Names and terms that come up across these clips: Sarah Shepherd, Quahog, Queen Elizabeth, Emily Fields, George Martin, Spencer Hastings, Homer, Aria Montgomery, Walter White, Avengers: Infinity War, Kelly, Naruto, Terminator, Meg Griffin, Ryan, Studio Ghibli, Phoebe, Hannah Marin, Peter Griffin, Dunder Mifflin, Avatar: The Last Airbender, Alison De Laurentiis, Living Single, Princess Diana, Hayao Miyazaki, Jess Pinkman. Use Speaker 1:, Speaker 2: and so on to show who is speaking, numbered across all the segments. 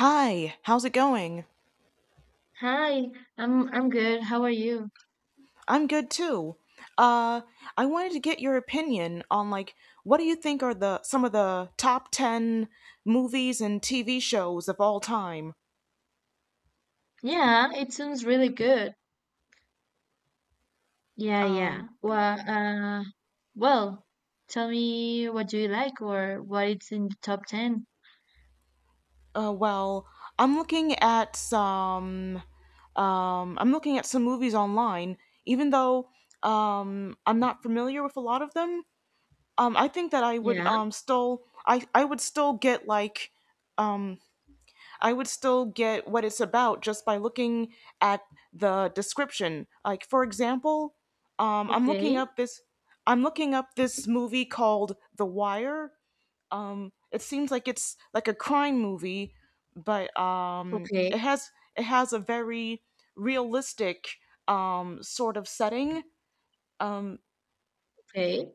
Speaker 1: Hi, how's it going?
Speaker 2: Hi, I'm good. How are you?
Speaker 1: I'm good too. Uh, I wanted to get your opinion on like what do you think are the some of the top 10 movies and TV shows of all time?
Speaker 2: Yeah, it sounds really good. Yeah, yeah. Well, tell me, what do you like or what it's in the top 10?
Speaker 1: Well, I'm looking at some I'm looking at some movies online even though I'm not familiar with a lot of them. I think that I would
Speaker 2: Yeah,
Speaker 1: um still I would still get like um. I would still get what it's about just by looking at the description. Like for example, I'm looking
Speaker 2: okay.
Speaker 1: up this I'm looking up this movie called The Wire. It seems like it's like a crime movie, but
Speaker 2: Okay,
Speaker 1: it has a very realistic sort of setting. Um,
Speaker 2: okay.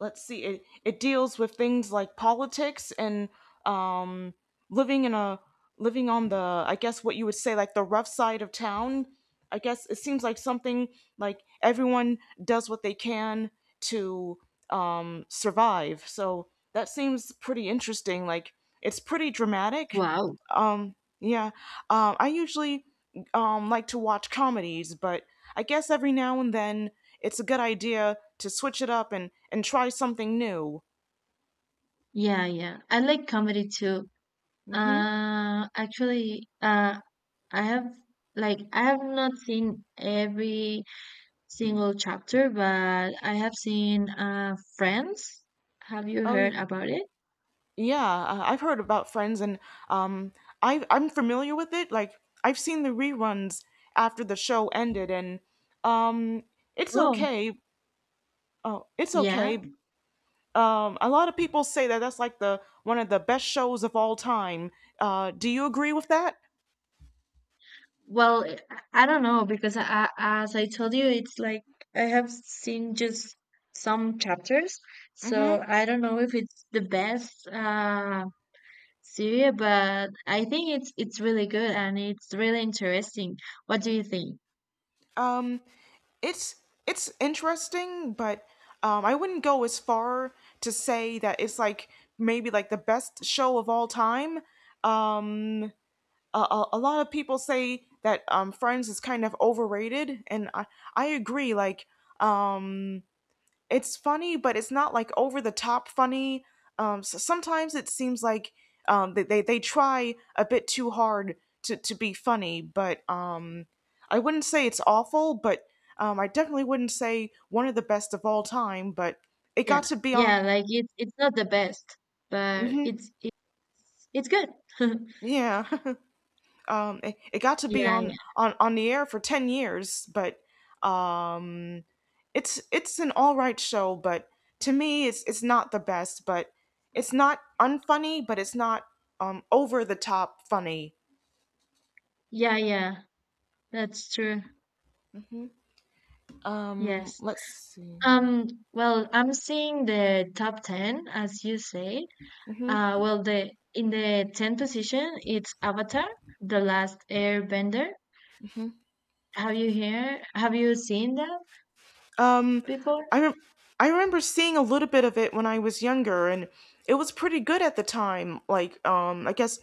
Speaker 1: let's see, it deals with things like politics and um living in a living on the, I guess what you would say like the rough side of town. I guess it seems like something like everyone does what they can to survive, so that seems pretty interesting, like it's pretty dramatic.
Speaker 2: Wow.
Speaker 1: Yeah. I usually like to watch comedies, but I guess every now and then it's a good idea to switch it up and try something new.
Speaker 2: Yeah, yeah. I like comedy too.
Speaker 1: Mm-hmm.
Speaker 2: Actually, I have, like, I have not seen every single chapter, but I have seen Friends. Have you
Speaker 1: Oh
Speaker 2: heard
Speaker 1: y-
Speaker 2: about it?
Speaker 1: yeah, I've heard about Friends, and um, I'm familiar with it. Like I've seen the reruns after the show ended, and um, it's
Speaker 2: Oh.
Speaker 1: okay. Oh, it's
Speaker 2: Yeah.
Speaker 1: okay. A lot of people say that that's like the one of the best shows of all time. Do you agree with that?
Speaker 2: Well, I don't know because as I told you, it's like I have seen just some chapters, so
Speaker 1: Mm-hmm.
Speaker 2: I don't know if it's the best series, but I think it's really good and it's really interesting. What do you think?
Speaker 1: Um, it's it's interesting, but I wouldn't go as far to say that it's like maybe like the best show of all time. Um, a lot of people say that Friends is kind of overrated, and I agree. Like um it's funny, but it's not like over the top funny. So sometimes it seems like um, they try a bit too hard to be funny, but I wouldn't say it's awful, but I definitely wouldn't say one of the best of all time. But it
Speaker 2: Yeah.
Speaker 1: got to be on.
Speaker 2: Yeah, like it's not the best, but
Speaker 1: hmm
Speaker 2: it's good.
Speaker 1: yeah, it got to be
Speaker 2: Yeah, yeah.
Speaker 1: on the air for 10 years, but um, it's an all right show, but to me, it's not the best. But it's not unfunny, but it's not over the top funny.
Speaker 2: Yeah, yeah. That's true. Yes.
Speaker 1: Let's see.
Speaker 2: Well, I'm seeing the top 10, as you say. Well, the in the 10th position, it's Avatar: The Last Airbender. Have you hear? Have you seen that
Speaker 1: Um,
Speaker 2: before?
Speaker 1: I rem I remember seeing a little bit of it when I was younger, and it was pretty good at the time. Like, I guess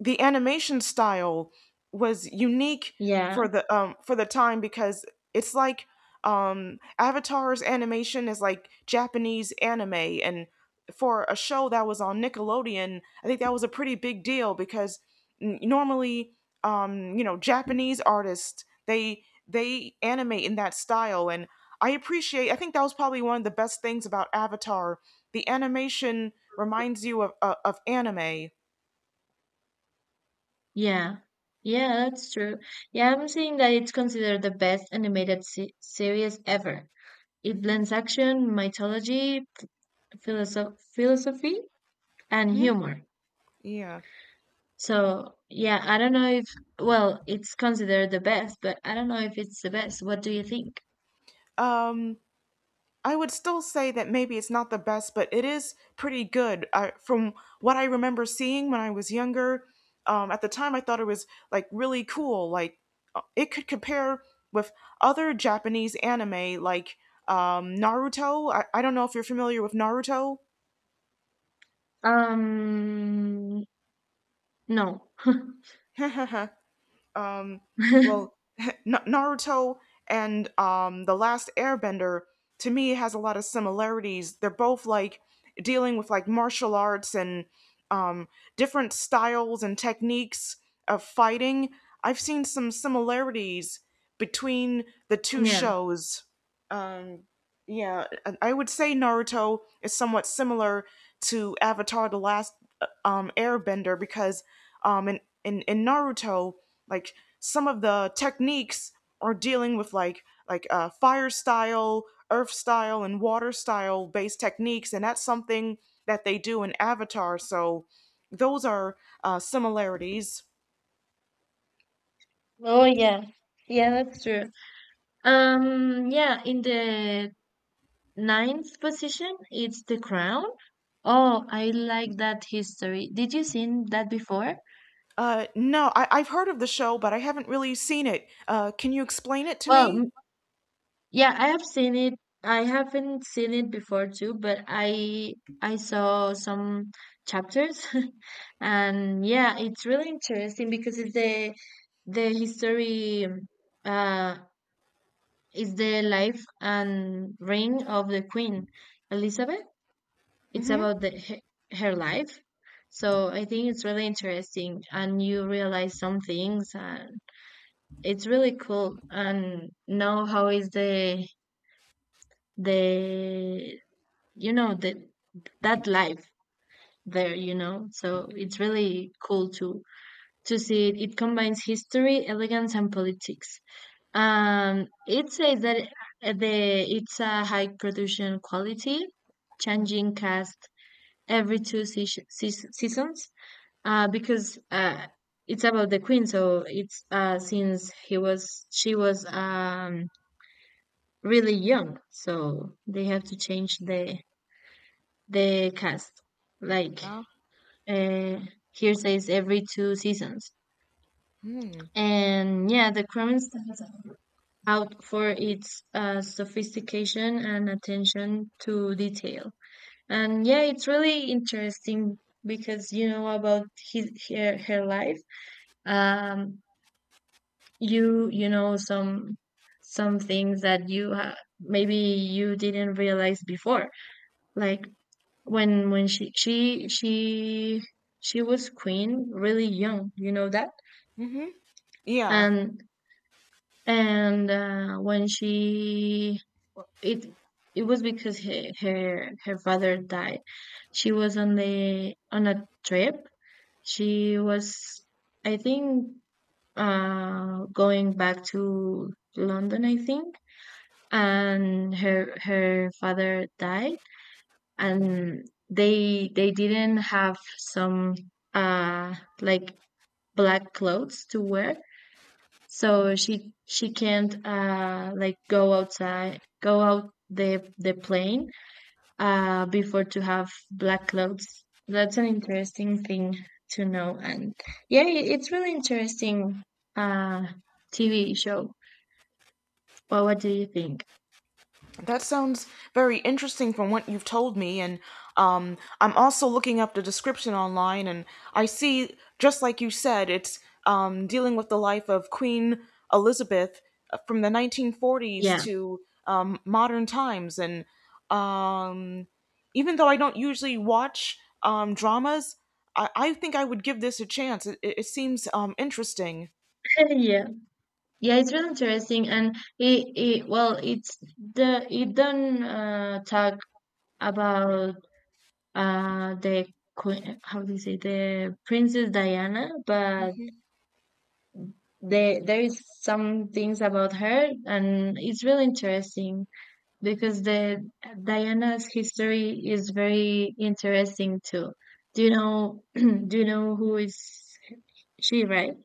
Speaker 1: the animation style was unique
Speaker 2: Yeah,
Speaker 1: for the time because it's like Avatar's animation is like Japanese anime, and for a show that was on Nickelodeon, I think that was a pretty big deal because normally you know Japanese artists, they animate in that style, and I appreciate, I think that was probably one of the best things about Avatar. The animation reminds you of of anime.
Speaker 2: yeah, yeah, that's true. Yeah, I'm seeing that it's considered the best animated se series ever. It
Speaker 1: Mhm.
Speaker 2: blends action, mythology, philosophy, and
Speaker 1: Mhm.
Speaker 2: humor.
Speaker 1: Yeah.
Speaker 2: So, yeah, I don't know if, well, it's considered the best, but I don't know if it's the best. What do you think?
Speaker 1: Um, I would still say that maybe it's not the best, but it is pretty good. I, from what I remember seeing when I was younger, at the time I thought it was like really cool. Like it could compare with other Japanese anime like Naruto. I don't know if you're familiar with Naruto.
Speaker 2: Um, no.
Speaker 1: um well, Naruto and The Last Airbender to me has a lot of similarities. They're both like dealing with like martial arts and um different styles and techniques of fighting. I've seen some similarities between the two
Speaker 2: Yeah.
Speaker 1: shows. Um yeah, I would say Naruto is somewhat similar to Avatar: The Last Airbender, because um, in Naruto like some of the techniques are dealing with like fire style, earth style, and water style based techniques, and that's something that they do in Avatar, so those are similarities.
Speaker 2: Oh, yeah. Yeah, that's true. Yeah, in the ninth position, it's The Crown. Oh, I like that history. Did you seen that before?
Speaker 1: No, I've heard of the show but I haven't really seen it. Can you explain it to me?
Speaker 2: Well, yeah, I have seen it. I haven't seen it before too, but I saw some chapters and yeah, it's really interesting because it's the history uh is the life and reign of the Queen Elizabeth. It's
Speaker 1: Mm-hmm.
Speaker 2: about the her, her life. So I think it's really interesting and you realize some things, and it's really cool and know how is the, you know, that that life there, you know, so it's really cool to see it. It combines history, elegance, and politics. Um, it says that the it's a high production quality, changing cast every two seasons, because it's about the queen, so it's since he was she was, um, really young, so they have to change the cast, like,
Speaker 1: Oh.
Speaker 2: uh, here says every two seasons.
Speaker 1: Hmm.
Speaker 2: And yeah, the Kremlin stands out for its sophistication and attention to detail. And yeah, it's really interesting because you know about his her, her life. Um, you you know some things that you, maybe you didn't realize before, like when when she was queen really young. You know that.
Speaker 1: Mm-hmm. Yeah.
Speaker 2: And when she, it it was because her her father died. She was on the on a trip. She was, I think, going back to London, I think. And her father died, and they didn't have some, uh like black clothes to wear, so she can't, go out the plane before to have black clothes. That's an interesting thing to know. And yeah, it's really interesting uh TV show. Well, what do you think?
Speaker 1: That sounds very interesting from what you've told me, and I'm also looking up the description online, and I see, just like you said, it's dealing with the life of Queen Elizabeth from the 1940s
Speaker 2: Yeah.
Speaker 1: to modern times, and um, even though I don't usually watch dramas, I think I would give this a chance. It seems interesting.
Speaker 2: Yeah, yeah, it's really interesting. And it well it's the it don't talk about the queen, how do you say, the Princess Diana, but there is some things about her, and it's really interesting because the Diana's history is very interesting too. Do you know, do you know who is she, right?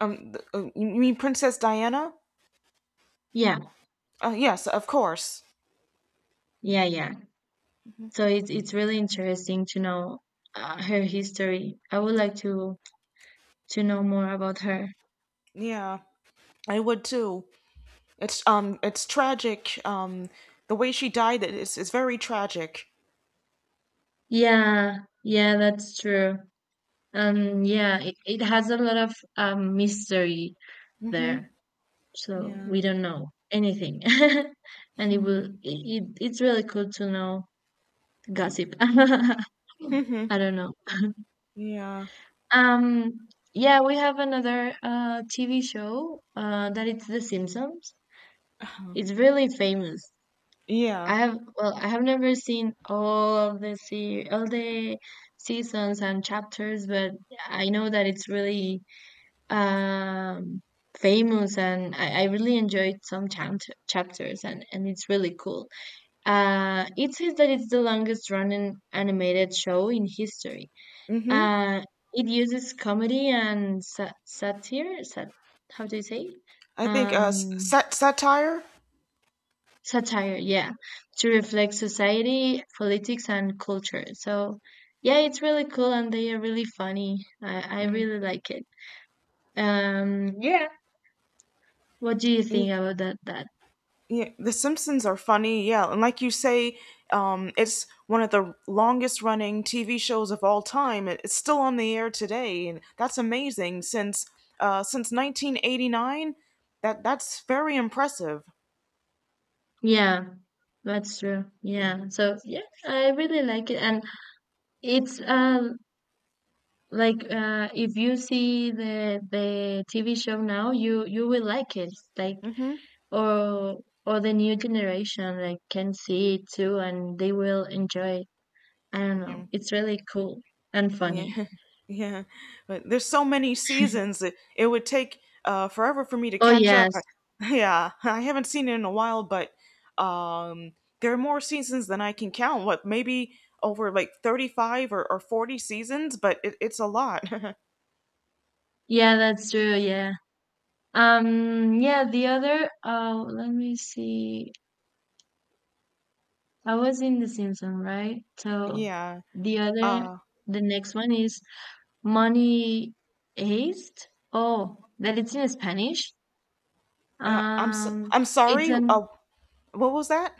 Speaker 1: You mean Princess Diana?
Speaker 2: Yeah,
Speaker 1: Yes, of course.
Speaker 2: yeah, yeah. So it's really interesting to know, her history. I would like to know more about her.
Speaker 1: Yeah. I would too. It's tragic. The way she died it is very tragic.
Speaker 2: Yeah, yeah, that's true. Yeah, it, it has a lot of mystery
Speaker 1: Mm-hmm.
Speaker 2: there. So
Speaker 1: Yeah.
Speaker 2: we don't know anything and it will it's really cool to know gossip. I
Speaker 1: Mm-hmm.
Speaker 2: don't know.
Speaker 1: Yeah.
Speaker 2: Um, yeah, we have another TV show that it's The Simpsons. It's really famous.
Speaker 1: Yeah.
Speaker 2: I have, well, I have never seen all of the all the seasons and chapters, but I know that it's really, um, famous, and I really enjoyed some chapters, and it's really cool. It says that it's the longest running animated show in history.
Speaker 1: Mm-hmm.
Speaker 2: Uh, it uses comedy and satire. Sat- how do you say?
Speaker 1: I think
Speaker 2: Um,
Speaker 1: satire.
Speaker 2: Satire, yeah, to reflect society, politics, and culture. So, yeah, it's really cool and they are really funny. I
Speaker 1: Mm.
Speaker 2: really like it. Yeah, what do you think
Speaker 1: Y-
Speaker 2: about that?
Speaker 1: Yeah. The Simpsons are funny. Yeah, and like you say, it's one of the longest running TV shows of all time. It's still on the air today, and that's amazing. Since 1989, that's very impressive.
Speaker 2: Yeah, that's true. Yeah, so yeah, I really like it and. It's like, if you see the TV show now, you will like it. Like,
Speaker 1: Mm-hmm.
Speaker 2: or or the new generation, like, can see it too, and they will enjoy it. I don't know.
Speaker 1: Yeah.
Speaker 2: It's really cool and
Speaker 1: Yeah,
Speaker 2: funny.
Speaker 1: yeah. But there's so many seasons that it would take forever for me to
Speaker 2: Oh
Speaker 1: catch up.
Speaker 2: yes,
Speaker 1: Yeah, I haven't seen it in a while, but um there are more seasons than I can count. What, maybe over like 35 or, 40 seasons, but it's a lot.
Speaker 2: yeah, that's true. Yeah. Yeah. The other. Oh, let me see. I was in The Simpsons, right? So
Speaker 1: Yeah.
Speaker 2: the other,
Speaker 1: Uh
Speaker 2: the next one is Money Heist. Oh, that it's in Spanish.
Speaker 1: I'm so,
Speaker 2: Um,
Speaker 1: I'm
Speaker 2: it's
Speaker 1: sorry.
Speaker 2: an
Speaker 1: What was that?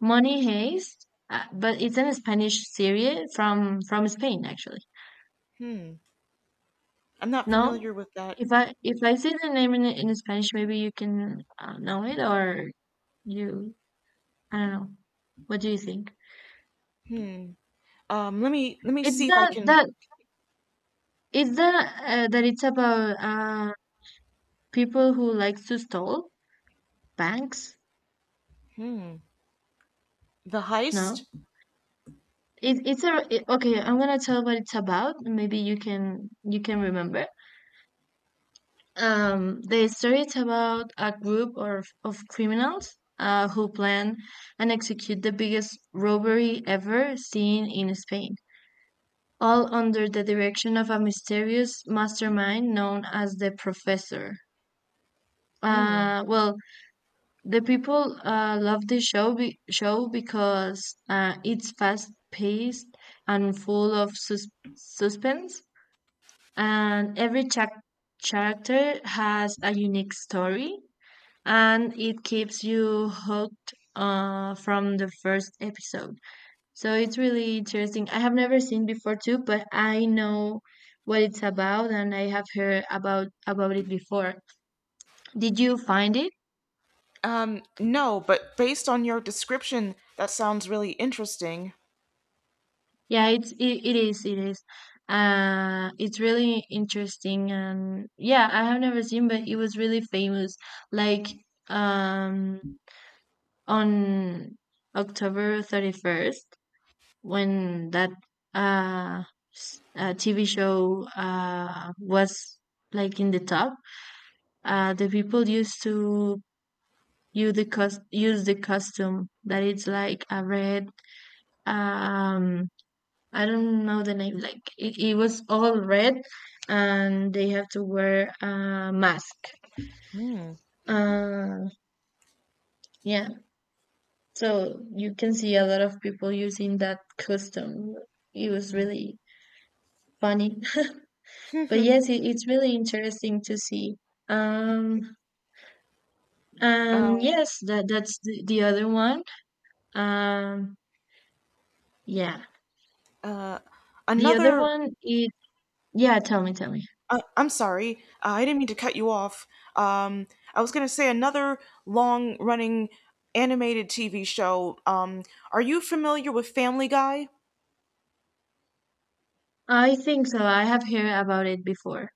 Speaker 2: Money Heist, but it's an Spanish series from Spain, actually.
Speaker 1: I'm not familiar
Speaker 2: No,
Speaker 1: with that.
Speaker 2: if I say the name in Spanish, maybe you can, know it, or you, I don't know. What do you think?
Speaker 1: Let me
Speaker 2: It's
Speaker 1: see if I
Speaker 2: that
Speaker 1: can
Speaker 2: that it's that that it's about people who like to steal banks.
Speaker 1: the heist.
Speaker 2: No, it, it's a it, okay, I'm gonna tell what it's about. Maybe you can remember. The story is about a group of criminals who plan and execute the biggest robbery ever seen in Spain, all under the direction of a mysterious mastermind known as the Professor. Well, the people love this show because, it's fast paced and full of suspense, and every character has a unique story, and it keeps you hooked from the first episode. So it's really interesting. I have never seen before too, but I know what it's about, and I have heard about it before. Did you find it?
Speaker 1: No, but based on your description, that sounds really interesting.
Speaker 2: Yeah, it is, it is. It's really interesting, and yeah, I have never seen, but it was really famous. Like, um, on October 31st, when that uh, TV show was, like, in the top, uh, the people used to use the costume that it's like a red, um, I don't know the name, like, it was all red, and they have to wear a mask.
Speaker 1: Hmm.
Speaker 2: Uh yeah. So you can see a lot of people using that costume. It was really funny. But yes, it's really interesting to see. Um,
Speaker 1: Uh,
Speaker 2: and yes, that that's the other one. Um, yeah,
Speaker 1: uh,
Speaker 2: the other
Speaker 1: Another.
Speaker 2: one. It, yeah. Tell me, tell me.
Speaker 1: I'm sorry, I didn't mean to cut you off. Um, I was gonna say another long-running animated TV show. Are you familiar with Family Guy?
Speaker 2: I think so. I have heard about it before.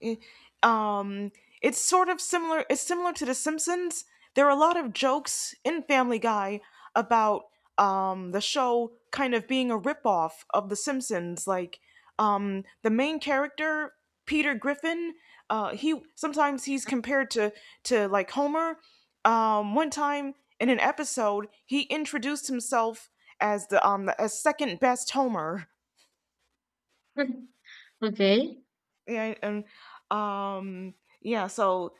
Speaker 1: Eh, um it's sort of similar, it's similar to The Simpsons. There are a lot of jokes in Family Guy about the show kind of being a ripoff of The Simpsons, like the main character Peter Griffin, he sometimes he's compared to like Homer. One time in an episode he introduced himself as second best Homer.
Speaker 2: Okay.
Speaker 1: Yeah, and um yeah, so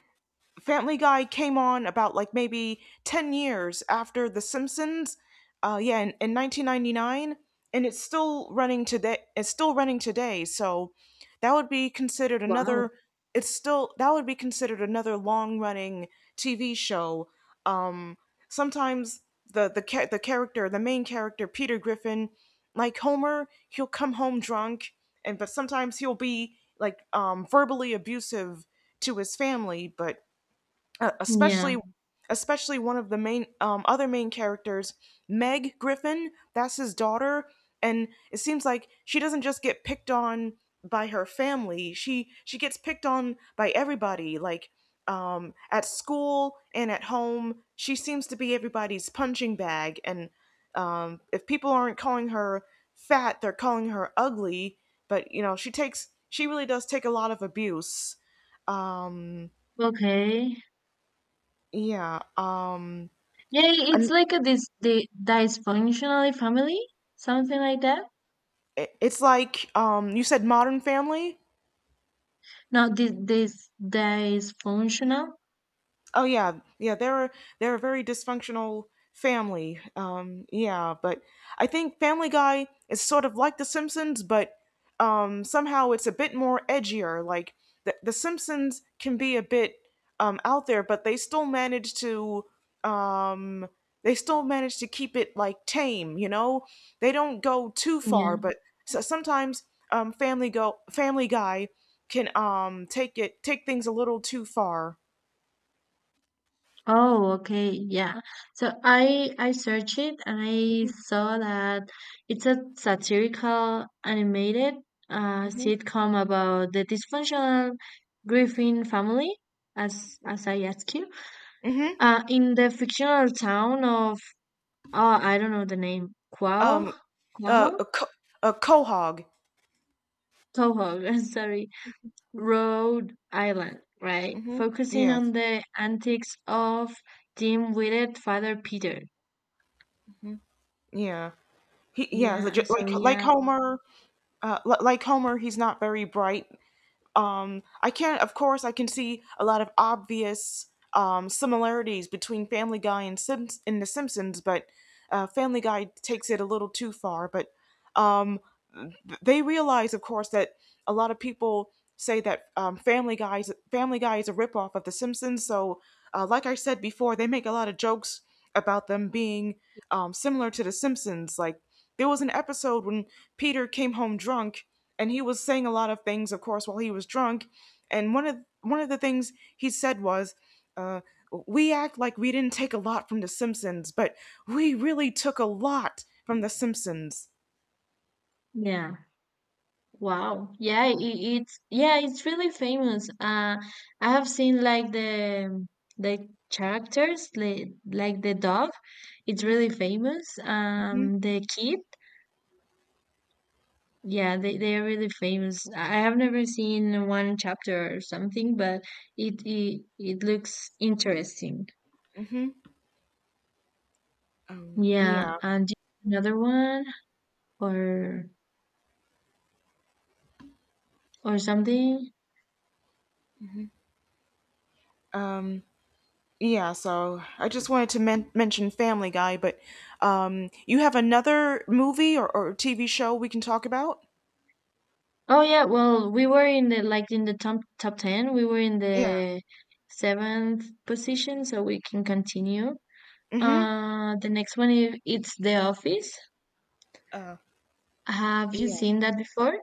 Speaker 1: Family Guy came on about like maybe 10 years after The Simpsons. Yeah, in 1999, and it's still running today. It's still running today. So that would be considered
Speaker 2: Wow.
Speaker 1: another. It's still, that would be considered another long running TV show. Um, Sometimes the cha- the character, the main character, Peter Griffin, like Homer, he'll come home drunk, and but sometimes he'll be like verbally abusive to his family, but uh,
Speaker 2: Yeah.
Speaker 1: especially especially one of the main other main characters, Meg Griffin. That's his daughter, and it seems like she doesn't just get picked on by her family, she gets picked on by everybody. Like at school and at home she seems to be everybody's punching bag, and if people aren't calling her fat, they're calling her ugly. But you know, she really does take a lot of abuse. um
Speaker 2: Okay.
Speaker 1: yeah.
Speaker 2: Yeah, it's
Speaker 1: And
Speaker 2: like a this the dysfunctional family, something like that.
Speaker 1: it's like you said Modern Family.
Speaker 2: No, this dysfunctional.
Speaker 1: Oh yeah, yeah. They're a very dysfunctional family. Yeah, but I think Family Guy is sort of like The Simpsons, but somehow it's a bit more edgier. Like The Simpsons can be a bit out there, but they still manage to um, keep it like tame. You know, they don't go too far,
Speaker 2: Yeah.
Speaker 1: but so sometimes Family Guy can take things a little too far.
Speaker 2: Oh, okay, yeah. So I searched it, and I
Speaker 1: Mhm,
Speaker 2: saw that it's a satirical animated,
Speaker 1: mhm.
Speaker 2: sitcom about the dysfunctional Griffin family, as I asked you,
Speaker 1: Mm-hmm.
Speaker 2: in the fictional town of, oh, I don't know the name, Quaho,
Speaker 1: Um. Uh.
Speaker 2: Quaho,
Speaker 1: A, co- a quahog.
Speaker 2: Quaho, sorry, Rhode Island, right?
Speaker 1: Mm-hmm.
Speaker 2: Focusing on
Speaker 1: Yes.
Speaker 2: the antics of dim-witted father Peter.
Speaker 1: Hmm. Yeah. He. Yeah.
Speaker 2: Yeah, so
Speaker 1: Like
Speaker 2: yeah.
Speaker 1: Homer. Like Homer, he's not very bright. I can't. Of course, I can see a lot of obvious similarities between Family Guy and Sims in The Simpsons, but Family Guy takes it a little too far. But um. They realize, of course, that a lot of people say that Family Guy is a ripoff of The Simpsons. So, like I said before, they make a lot of jokes about them being similar to The Simpsons. Like there was an episode when Peter came home drunk, and he was saying a lot of things, of course, while he was drunk. And one of the things he said was. Uh, we act like we didn't take a lot from The Simpsons, but we really took a lot from The Simpsons.
Speaker 2: Yeah. Wow. Yeah, I- it's yeah, it's really famous. I have seen, like, the characters, like the dog. It's really famous.
Speaker 1: Hmm.
Speaker 2: The kid. Yeah, they are really famous. I have never seen one chapter or something, but it, it looks interesting.
Speaker 1: Hmm.
Speaker 2: Yeah,
Speaker 1: Yeah.
Speaker 2: and do you have another one or or something?
Speaker 1: Um yeah, so I just wanted to mention Family Guy, but you have another movie or, TV show we can talk about?
Speaker 2: Oh yeah, well, we were in the, like, in the top 10. We were in
Speaker 1: Yeah.
Speaker 2: the seventh position, so we can continue.
Speaker 1: Mhm.
Speaker 2: The next one is, it's The Office.
Speaker 1: Uh
Speaker 2: Have you
Speaker 1: yeah.
Speaker 2: seen that before?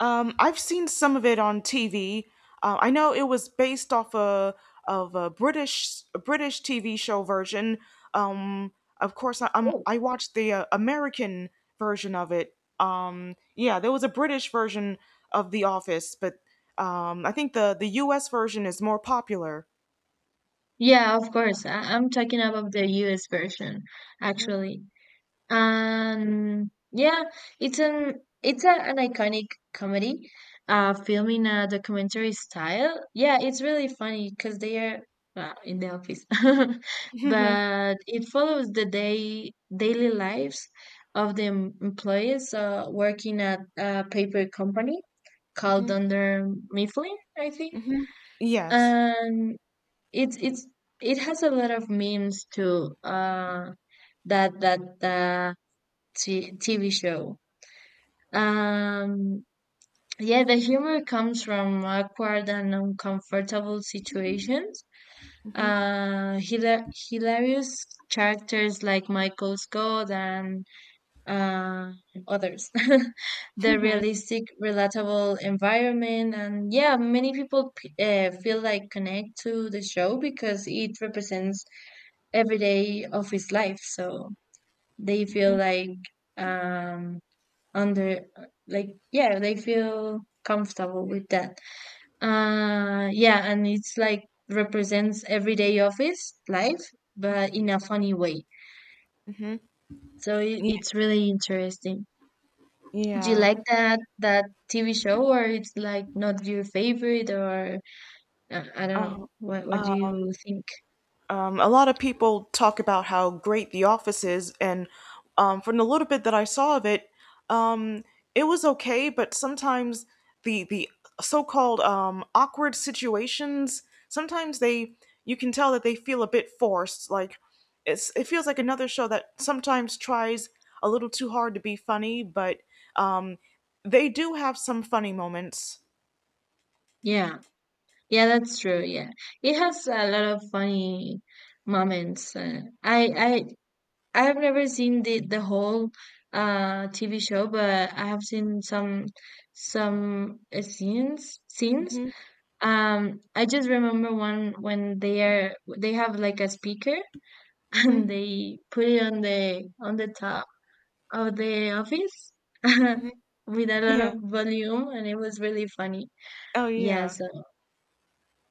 Speaker 1: I've seen some of it on TV. I know it was based off a British TV show version. Um, of course, I, i
Speaker 2: Oh.
Speaker 1: I watched the American version of it. Yeah, there was a British version of The Office, but I think the U.S. version is more popular.
Speaker 2: Yeah, of course. I'm talking about the US version, actually. And yeah, it's an it's a, an iconic comedy, film in a documentary style. Yeah, it's really funny because they are, well, in the office.
Speaker 1: Mhm.
Speaker 2: But it follows the day daily lives of the employees, working at a paper company called Dunder Mifflin, I think,
Speaker 1: Yes.
Speaker 2: and it's it has a lot of memes too. That that, TV show. Um, yeah, the humor comes from awkward and uncomfortable situations. Hilarious characters like Michael Scott and, uh, others. The realistic, relatable environment, and yeah, many people feel like connect to the show because it represents every day of his life. So they feel like um under like yeah they feel comfortable with that yeah and it's like represents everyday office life but in a funny way, so it,
Speaker 1: Yeah.
Speaker 2: it's really interesting. Do you
Speaker 1: Yeah.
Speaker 2: like that TV show, or it's like not your favorite? Or I don't know, what do you think?
Speaker 1: A lot of people talk about how great The Office is, and from the little bit that I saw of it, Um, it was okay, but sometimes the so-called awkward situations, sometimes they you can tell that they feel a bit forced. Like it feels like another show that sometimes tries a little too hard to be funny, but um they do have some funny moments.
Speaker 2: Yeah, yeah, that's true, yeah, it has a lot of funny moments. I have never seen the whole TV show, but I have seen some scenes.
Speaker 1: Mhm.
Speaker 2: I just remember one when they have like a speaker and
Speaker 1: Mhm.
Speaker 2: they put it on the top of the office with a lot
Speaker 1: Yeah.
Speaker 2: of volume, and it was really funny.
Speaker 1: Oh
Speaker 2: Yeah,
Speaker 1: yeah.
Speaker 2: so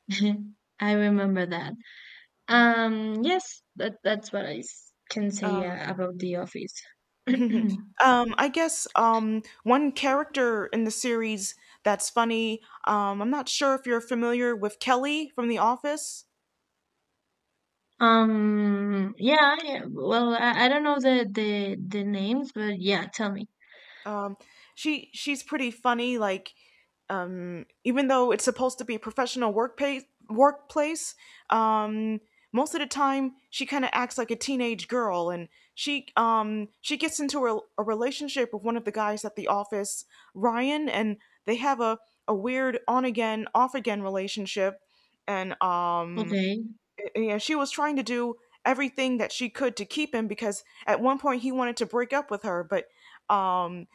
Speaker 2: I remember that. Yes, that's what can say about the office.
Speaker 1: I guess one character in the series that's funny. I'm not sure if you're familiar with Kelly from The Office.
Speaker 2: Yeah, yeah. Well, I don't know the names, but yeah, tell me.
Speaker 1: um she's pretty funny like even though it's supposed to be a professional workplace. um Most of the time she kind of acts like a teenage girl, and she gets into a relationship with one of the guys at the office, Ryan, and they have a weird on again off again relationship. And
Speaker 2: Okay.
Speaker 1: Yeah, she was trying to do everything that she could to keep him because at one point he wanted to break up with her, but um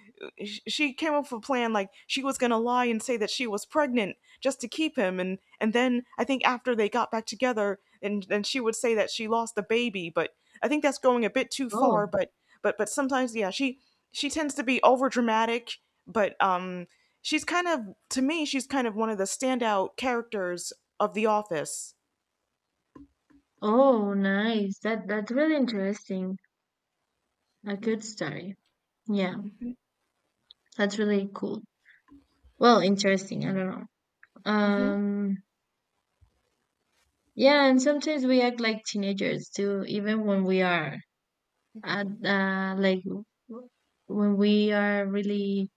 Speaker 1: she came up with a plan. Like, she was going to lie and say that she was pregnant just to keep him, and then I think after they got back together, and then she would say that she lost the baby, but I think that's going a bit too
Speaker 2: Oh.
Speaker 1: far. But sometimes, yeah, she tends to be over dramatic, but she's kind of, to me, she's kind of one of the standout characters of the office.
Speaker 2: Oh, nice. That's really interesting. A good story. Yeah, that's really cool. Well, interesting. I don't know.
Speaker 1: Mhm.
Speaker 2: Um, yeah, and sometimes we act like teenagers too, even when we are at uh like w- when we are really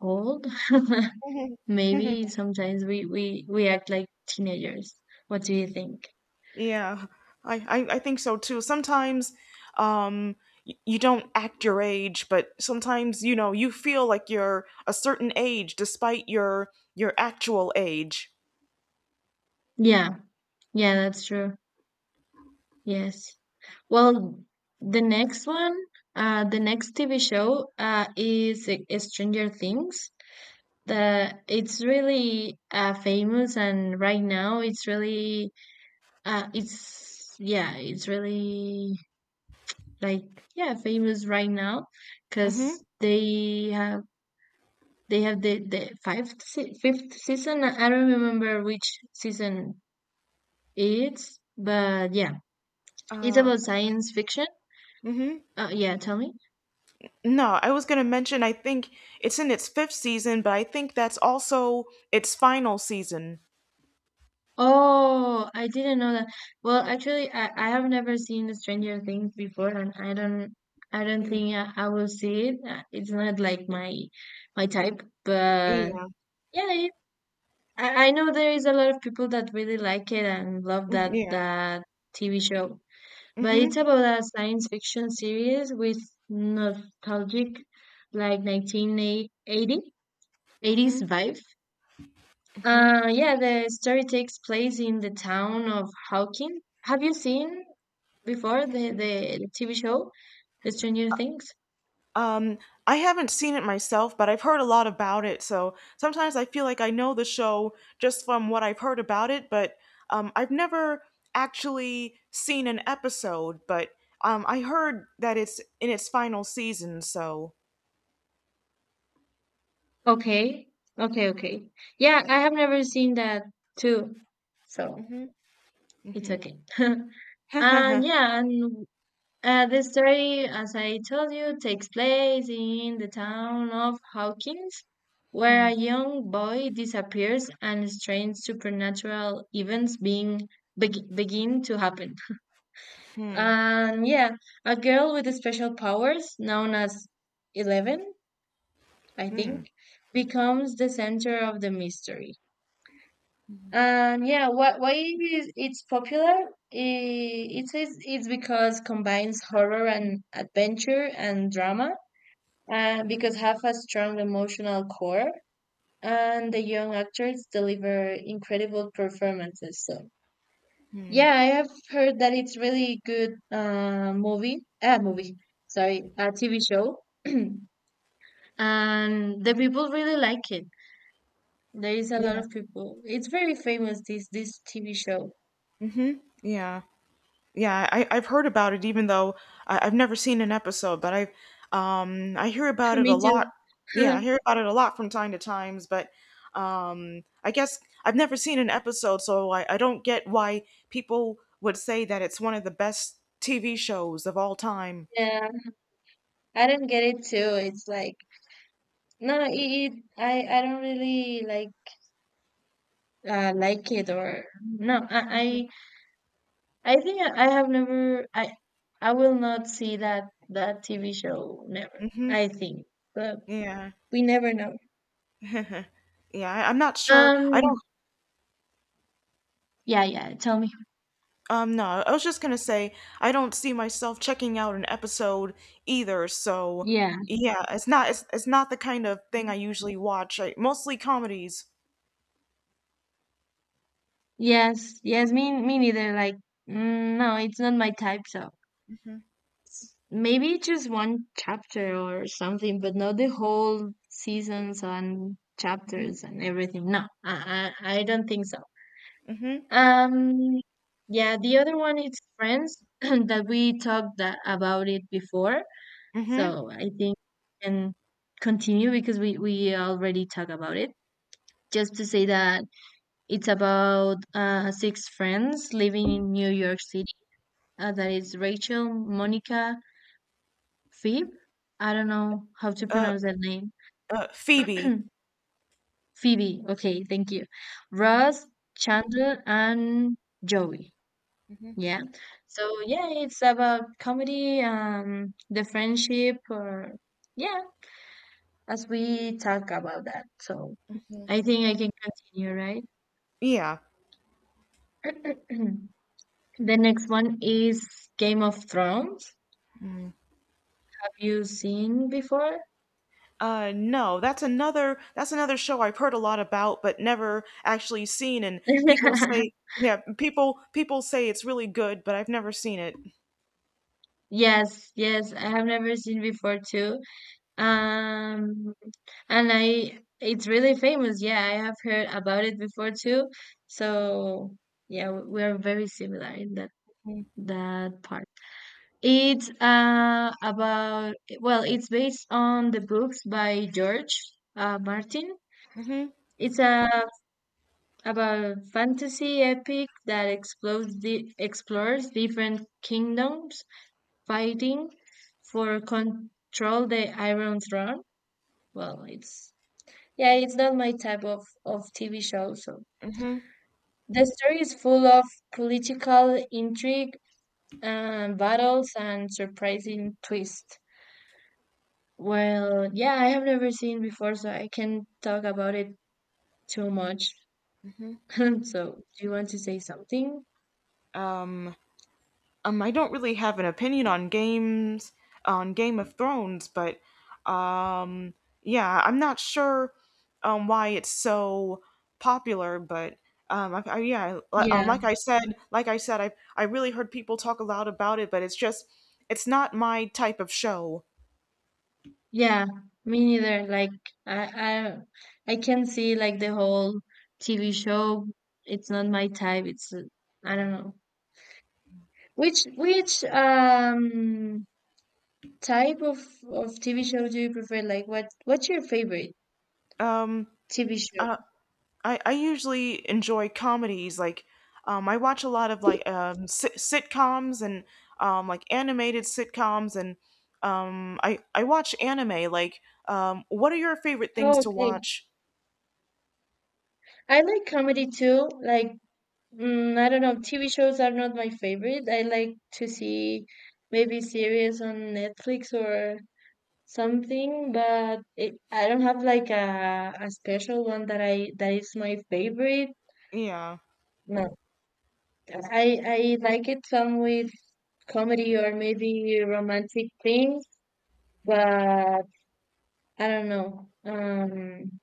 Speaker 2: old. Maybe sometimes we act like teenagers. What do you think?
Speaker 1: Yeah, I think so too. Sometimes, um, you don't act your age, but sometimes, you know, you feel like you're a certain age despite your actual age.
Speaker 2: Yeah, yeah, that's true. Yes. Well, the next one, the next TV show, is Stranger Things. The It's really famous, and right now it's really it's yeah it's really like, yeah, famous right now
Speaker 1: Mm-hmm.
Speaker 2: because they have the fifth season. I don't remember which season it's, but yeah, it's
Speaker 1: Uh,
Speaker 2: about science fiction.
Speaker 1: mm-hmm.
Speaker 2: Yeah, tell me.
Speaker 1: No, I was gonna mention, I think it's in its fifth season, but I think that's also its final season.
Speaker 2: Oh, I didn't know that. Well, actually, I have never seen Stranger Things before, and I don't
Speaker 1: Mm,
Speaker 2: think I will see it. It's not like my type, but
Speaker 1: yeah.
Speaker 2: yeah, I know there is a lot of people that really like it and love
Speaker 1: Mm,
Speaker 2: that
Speaker 1: yeah.
Speaker 2: that TV show. But
Speaker 1: Mm-hmm.
Speaker 2: it's about a science fiction series with nostalgic, like 1980 eighties
Speaker 1: Mm-hmm.
Speaker 2: vibe.
Speaker 1: Mm-hmm.
Speaker 2: Yeah, the story takes place in the town of Hawking. Have you seen before the TV show, The Stranger Things?
Speaker 1: Um, I haven't seen it myself, but I've heard a lot about it. So sometimes I feel like I know the show just from what I've heard about it, but I've never actually seen an episode. But I heard that it's in its final season. So.
Speaker 2: Okay, okay, okay. Yeah, I have never seen that too, so
Speaker 1: Hmm.
Speaker 2: it's
Speaker 1: Hmm.
Speaker 2: okay. And yeah, and the story, as I told you, takes place in the town of Hawkins, where
Speaker 1: Hmm.
Speaker 2: a young boy disappears and strange supernatural events being beg begin to happen. And yeah, a girl with special powers, known as 11, I
Speaker 1: Hmm.
Speaker 2: think, becomes the center of the mystery. And yeah, why is it's popular? It's because combines horror and adventure and drama, because have a strong emotional core, and the young actors deliver incredible performances. So. Yeah, I have heard that it's really good movie, sorry, a TV show. And the people really like it. There is a lot
Speaker 1: Yeah.
Speaker 2: of people. It's very famous this TV show.
Speaker 1: Yeah. Yeah, I've heard about it, even though I've never seen an episode. But I hear about it
Speaker 2: Me
Speaker 1: a lot.
Speaker 2: too.
Speaker 1: Yeah, I hear about it a lot from time to times. But I guess I've never seen an episode, so I don't get why people would say that it's one of the best TV shows of all time.
Speaker 2: Yeah, I don't get it too. It's like no, no, it I don't really like it or no. I think I have never I I will not see that TV show never.
Speaker 1: Hmm.
Speaker 2: I think. But.
Speaker 1: Yeah,
Speaker 2: We never know.
Speaker 1: yeah. I'm not sure. I
Speaker 2: Um,
Speaker 1: don't.
Speaker 2: yeah, yeah, tell me.
Speaker 1: No, I was just gonna say I don't see myself checking out an episode either. So
Speaker 2: Yeah.
Speaker 1: yeah, it's not it's not the kind of thing I usually watch. I mostly comedies.
Speaker 2: Yes. Yes. Me. Me neither. Like, mm, no, it's not my type. So maybe just one chapter or something, but not the whole seasons and
Speaker 1: Mhm.
Speaker 2: chapters and everything. No, I don't think so.
Speaker 1: Mhm.
Speaker 2: Um. Yeah. The other one is Friends that we about it before.
Speaker 1: Mhm.
Speaker 2: So I think we can continue because we already talked about it. Just to say that it's about six friends living in New York City. That is Rachel, Monica, Phoebe. I don't know how to
Speaker 1: Uh,
Speaker 2: pronounce that name.
Speaker 1: Phoebe.
Speaker 2: Phoebe. Okay, thank you. Ross, Chandler, and Joey. Yeah. So yeah, it's about comedy, the friendship, or yeah, as we talk about that. So I think I can continue,
Speaker 1: Yeah.
Speaker 2: right? The next one is Game of Thrones. You seen before?
Speaker 1: No, that's another show I've heard a lot about but never actually seen. And people say, yeah, people say it's really good, but I've never seen it.
Speaker 2: Yes, yes, I have never seen before too. Um, and I it's really famous. Yeah, I have heard about it before too. So, yeah, we are very similar in that
Speaker 1: Mhm.
Speaker 2: that part. It's about, well, it's based on the books by George Martin.
Speaker 1: Mhm.
Speaker 2: It's a about fantasy epic that explores different kingdoms fighting for control the Iron Throne. Well, it's yeah, it's not my type of TV show. So
Speaker 1: Mhm.
Speaker 2: the story is full of political intrigue, battles, and surprising twists. Well, yeah, I have never seen before, so I can not talk about it too much. So, do you want to say something?
Speaker 1: Um. I don't really have an opinion on Game of Thrones, but um, yeah, I'm not sure why it's so popular, but yeah,
Speaker 2: Yeah,
Speaker 1: like I said, I really heard people talk a lot about it, but it's just it's not my type of show.
Speaker 2: yeah, me neither. Like I, I can see like the whole TV show. It's not my type. It's I don't know. Which type of TV show do you prefer? Like what's your favorite
Speaker 1: Um,
Speaker 2: TV show?
Speaker 1: uh, I usually enjoy comedies like, I watch a lot of like, sitcoms and, like animated sitcoms, and I watch anime like, what are your favorite things
Speaker 2: Oh,
Speaker 1: to
Speaker 2: okay.
Speaker 1: watch?
Speaker 2: I like comedy too. Like mm, I don't know. TV shows are not my favorite. I like to see maybe series on Netflix or something, but I don't have like a special one that I that is my favorite.
Speaker 1: Yeah.
Speaker 2: No, I like it some with comedy or maybe romantic things, but I don't know. Um,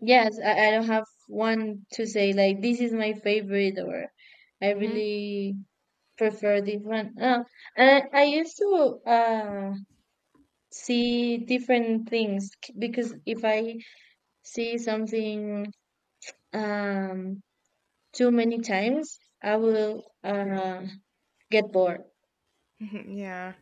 Speaker 2: yes, I don't have one to say like this is my favorite, or I
Speaker 1: Mhm.
Speaker 2: really prefer this one. And I used to see different things because if I see something um too many times, I will get bored.
Speaker 1: Mhm. Yeah.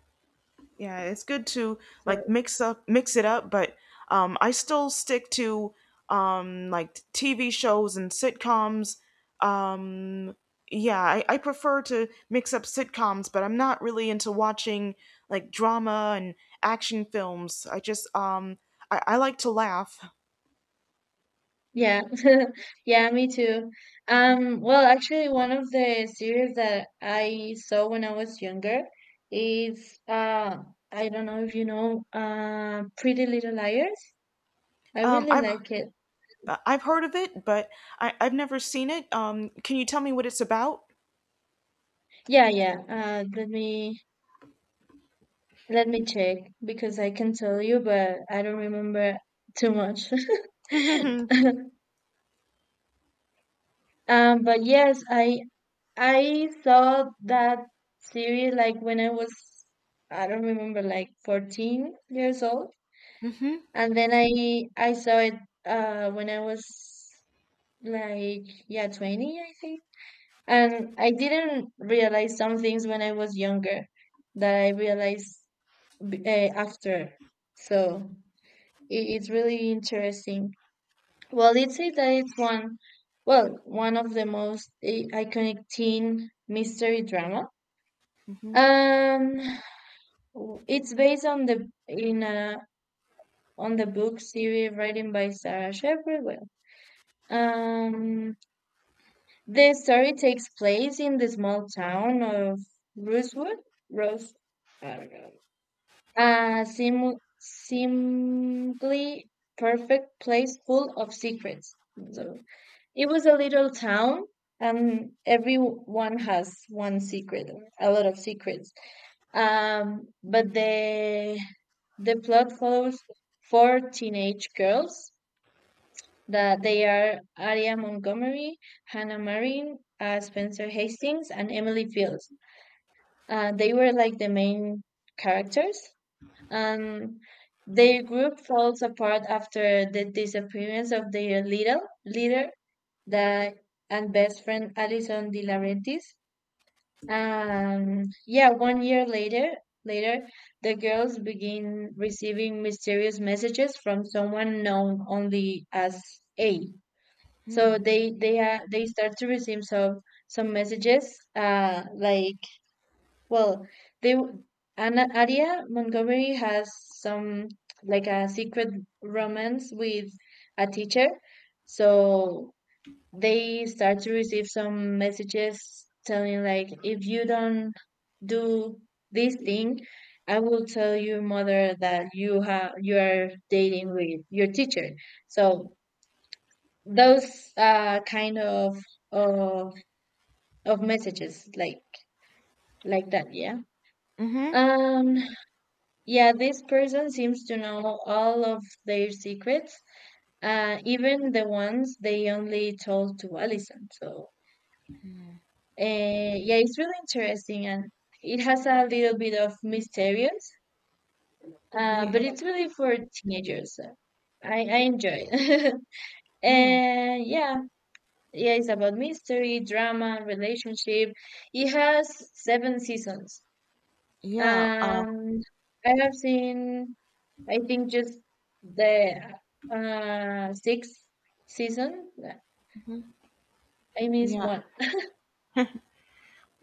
Speaker 1: Yeah, it's good to
Speaker 2: So
Speaker 1: like mix it up, but I still stick to like TV shows and sitcoms. Um yeah, I prefer to mix up sitcoms, but I'm not really into watching like drama and action films. I just I like to laugh.
Speaker 2: yeah, yeah, me too. Well, actually, one of the series that I saw when I was younger is I don't know if you know, Pretty Little Liars. I
Speaker 1: Um
Speaker 2: really
Speaker 1: I've
Speaker 2: like it.
Speaker 1: I've heard of it, but I've never seen it. Um, can you tell me what it's about?
Speaker 2: Yeah, yeah. Let me check because I can tell you, but I don't remember too much. Um, but yes, I saw that series like when I was, I don't remember, like 14 years old.
Speaker 1: Mm-hmm.
Speaker 2: And then I saw it when I was like, yeah, 20, I think. And I didn't realize some things when I was younger that I realized after. So it's really interesting. Well, it says that it's one of the most iconic teen mystery drama.
Speaker 1: Mm-hmm.
Speaker 2: Um, it's based on the in a on the book series written by Sarah Shepherd. Well, um, the story takes place in the small town of Rosewood, Rose, I don't know, a sim seemingly perfect place full of secrets. So it was a little town, and everyone has one secret, or a lot of secrets. But the plot follows four teenage girls that they are Aria Montgomery, Hannah Marin, Spencer Hastings, and Emily Fields. They were like the main characters, and their group falls apart after the disappearance of their little leader, the and best friend Alison De Laurentiis. And yeah, 1 year later, later the girls begin receiving mysterious messages from someone known only as A. So
Speaker 1: Mm-hmm.
Speaker 2: they start to receive some messages like, well, they Anna Aria Montgomery has some like a secret romance with a teacher. So they start to receive some messages telling like, if you don't do this thing, I will tell your mother that you are dating with your teacher. So those kind of of messages like that, yeah.
Speaker 1: Mm-hmm.
Speaker 2: Um, yeah, this person seems to know all of their secrets, uh, even the ones they only told to Alison. So uh, yeah, it's really interesting, and it has a little bit of mysterious,
Speaker 1: Yeah.
Speaker 2: but it's really for teenagers. So I enjoy it.
Speaker 1: Oh.
Speaker 2: And yeah, yeah, it's about mystery, drama, relationship. It has 7 seasons.
Speaker 1: Yeah,
Speaker 2: Um, I have seen, I think, just the sixth season. I missed
Speaker 1: yeah,
Speaker 2: one.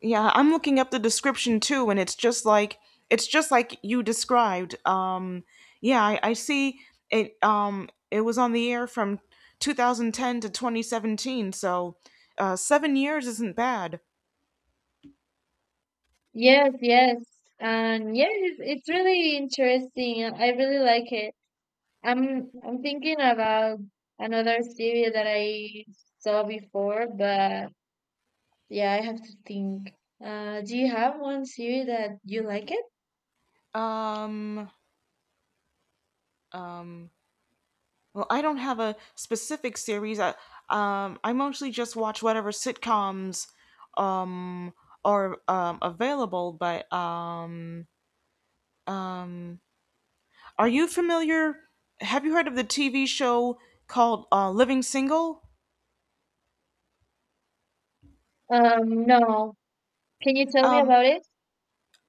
Speaker 1: yeah. I'm looking up the description too, and it's just like you described. Yeah, I see it. It was on the air from 2010 to 2017, so 7 years isn't bad.
Speaker 2: Yes, yes. And yeah, it's really interesting. I really like it. I'm thinking about another series that I saw before, but yeah, I have to think. Do you have one series that you like it?
Speaker 1: Um, um, well, I don't have a specific series. I mostly just watch whatever sitcoms um, are available, but are you familiar? Have you heard of the TV show called Living Single?
Speaker 2: No. Can you tell me
Speaker 1: Um,
Speaker 2: about it?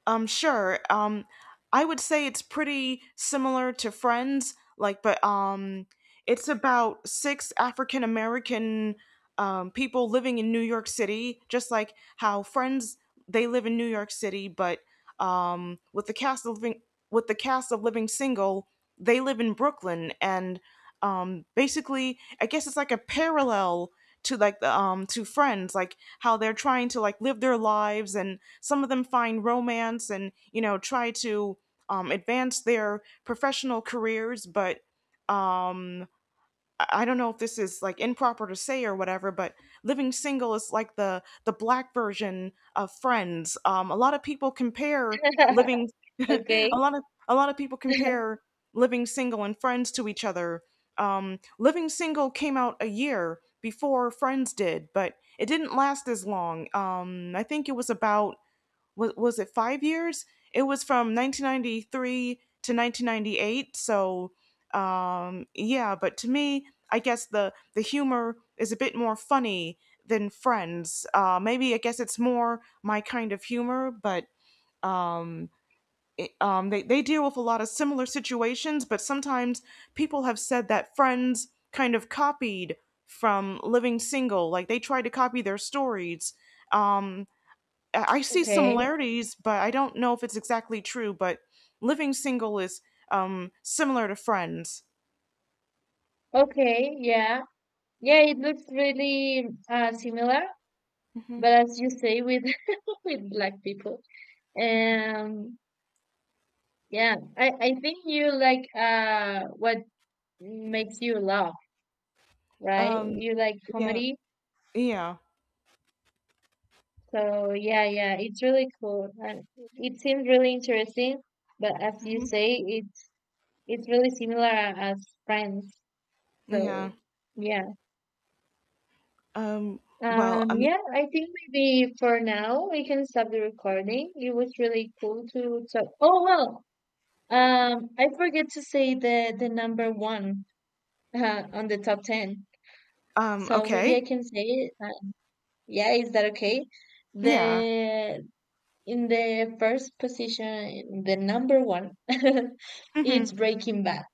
Speaker 1: sure. I would say it's pretty similar to Friends, like, but it's about six African American people living in New York City, just like how Friends they live in New York City, but um, with the cast of living with the cast of Living Single, they live in Brooklyn, and basically, I guess it's like a parallel to like the to friends, like how they're trying to like live their lives, and some of them find romance and, you know, try to advance their professional careers, but um I don't know if this is like improper to say or whatever, but Living Single is like the black version of Friends. A lot of people compare living a
Speaker 2: Okay,
Speaker 1: a lot of people compare Living Single and Friends to each other. Living Single came out a year before Friends did, but it didn't last as long. I think it was about, was it 5 years? It was from 1993 to 1998. So yeah, but to me, I guess the humor is a bit more funny than Friends. Maybe I guess it's more my kind of humor, but um, they deal with a lot of similar situations. But sometimes people have said that Friends kind of copied from Living Single, like they tried to copy their stories. Um, I see
Speaker 2: okay,
Speaker 1: similarities, but I don't know if it's exactly true. But Living Single is similar to Friends.
Speaker 2: okay, yeah. Yeah, it looks really similar,
Speaker 1: Hmm.
Speaker 2: but as you say with with black people. Um, yeah, I think you like what makes you laugh, right?
Speaker 1: Um,
Speaker 2: You like
Speaker 1: yeah,
Speaker 2: comedy.
Speaker 1: yeah,
Speaker 2: So yeah, yeah, it's really cool. And it seems really interesting, but as you
Speaker 1: hmm,
Speaker 2: say, it's really similar as Friends.
Speaker 1: yeah.
Speaker 2: So yeah.
Speaker 1: Um, well, I
Speaker 2: Um,
Speaker 1: mean,
Speaker 2: yeah, I think maybe for now we can stop the recording. It was really cool to talk. Oh, well, um, I forget to say the number one on the top 10. So maybe I
Speaker 1: okay,
Speaker 2: can say it. Uh, yeah, is that okay?
Speaker 1: yeah.
Speaker 2: The In the first position, the number one,
Speaker 1: Hmm.
Speaker 2: it's Breaking Bad.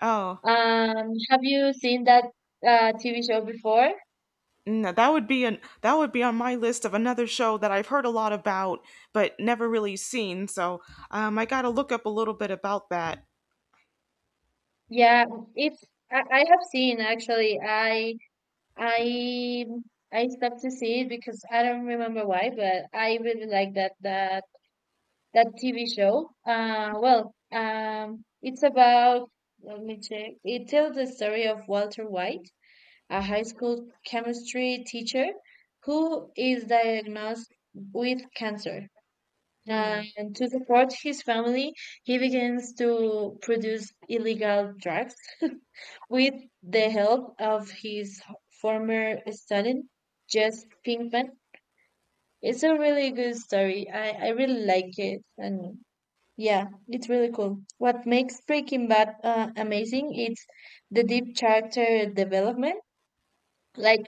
Speaker 1: Oh,
Speaker 2: Have you seen that TV show before?
Speaker 1: no, that would be an that would be on my list of another show that I've heard a lot about but never really seen. So I got to look up a little bit about that.
Speaker 2: Yeah, it's I have seen actually. I I stopped to see it because I don't remember why, but I really like that that TV show. Well, it's about, let me check. It tells the story of Walter White, a high school chemistry teacher who is diagnosed with cancer.
Speaker 1: Hmm.
Speaker 2: And to support his family, he begins to produce illegal drugs with the help of his former student, Jess Pinkman. It's a really good story. I really like it. And yeah, it's really cool. What makes Breaking Bad amazing is the deep character development. Like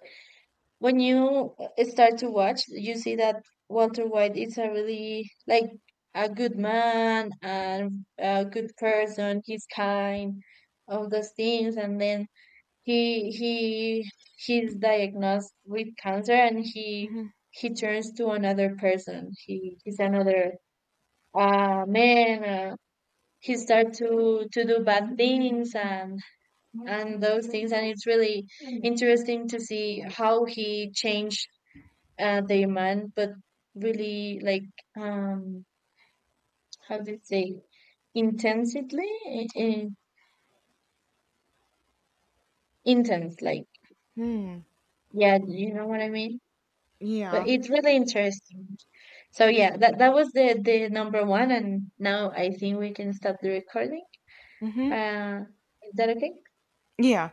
Speaker 2: when you start to watch, you see that Walter White is a really like a good man and a good person. He's kind, all those things, and then he he's diagnosed with cancer, and
Speaker 1: Hmm.
Speaker 2: he turns to another person. He's another man. He starts to do bad things and those things, and it's really interesting to see how he changed the man, but really like um, how do you say, intensively, intense, like,
Speaker 1: Hmm.
Speaker 2: yeah, you know what I mean. But
Speaker 1: Yeah.
Speaker 2: it's really interesting. So yeah, that was the number one, and now I think we can stop the recording.
Speaker 1: Hmm.
Speaker 2: Uh, is that okay?
Speaker 1: Yeah.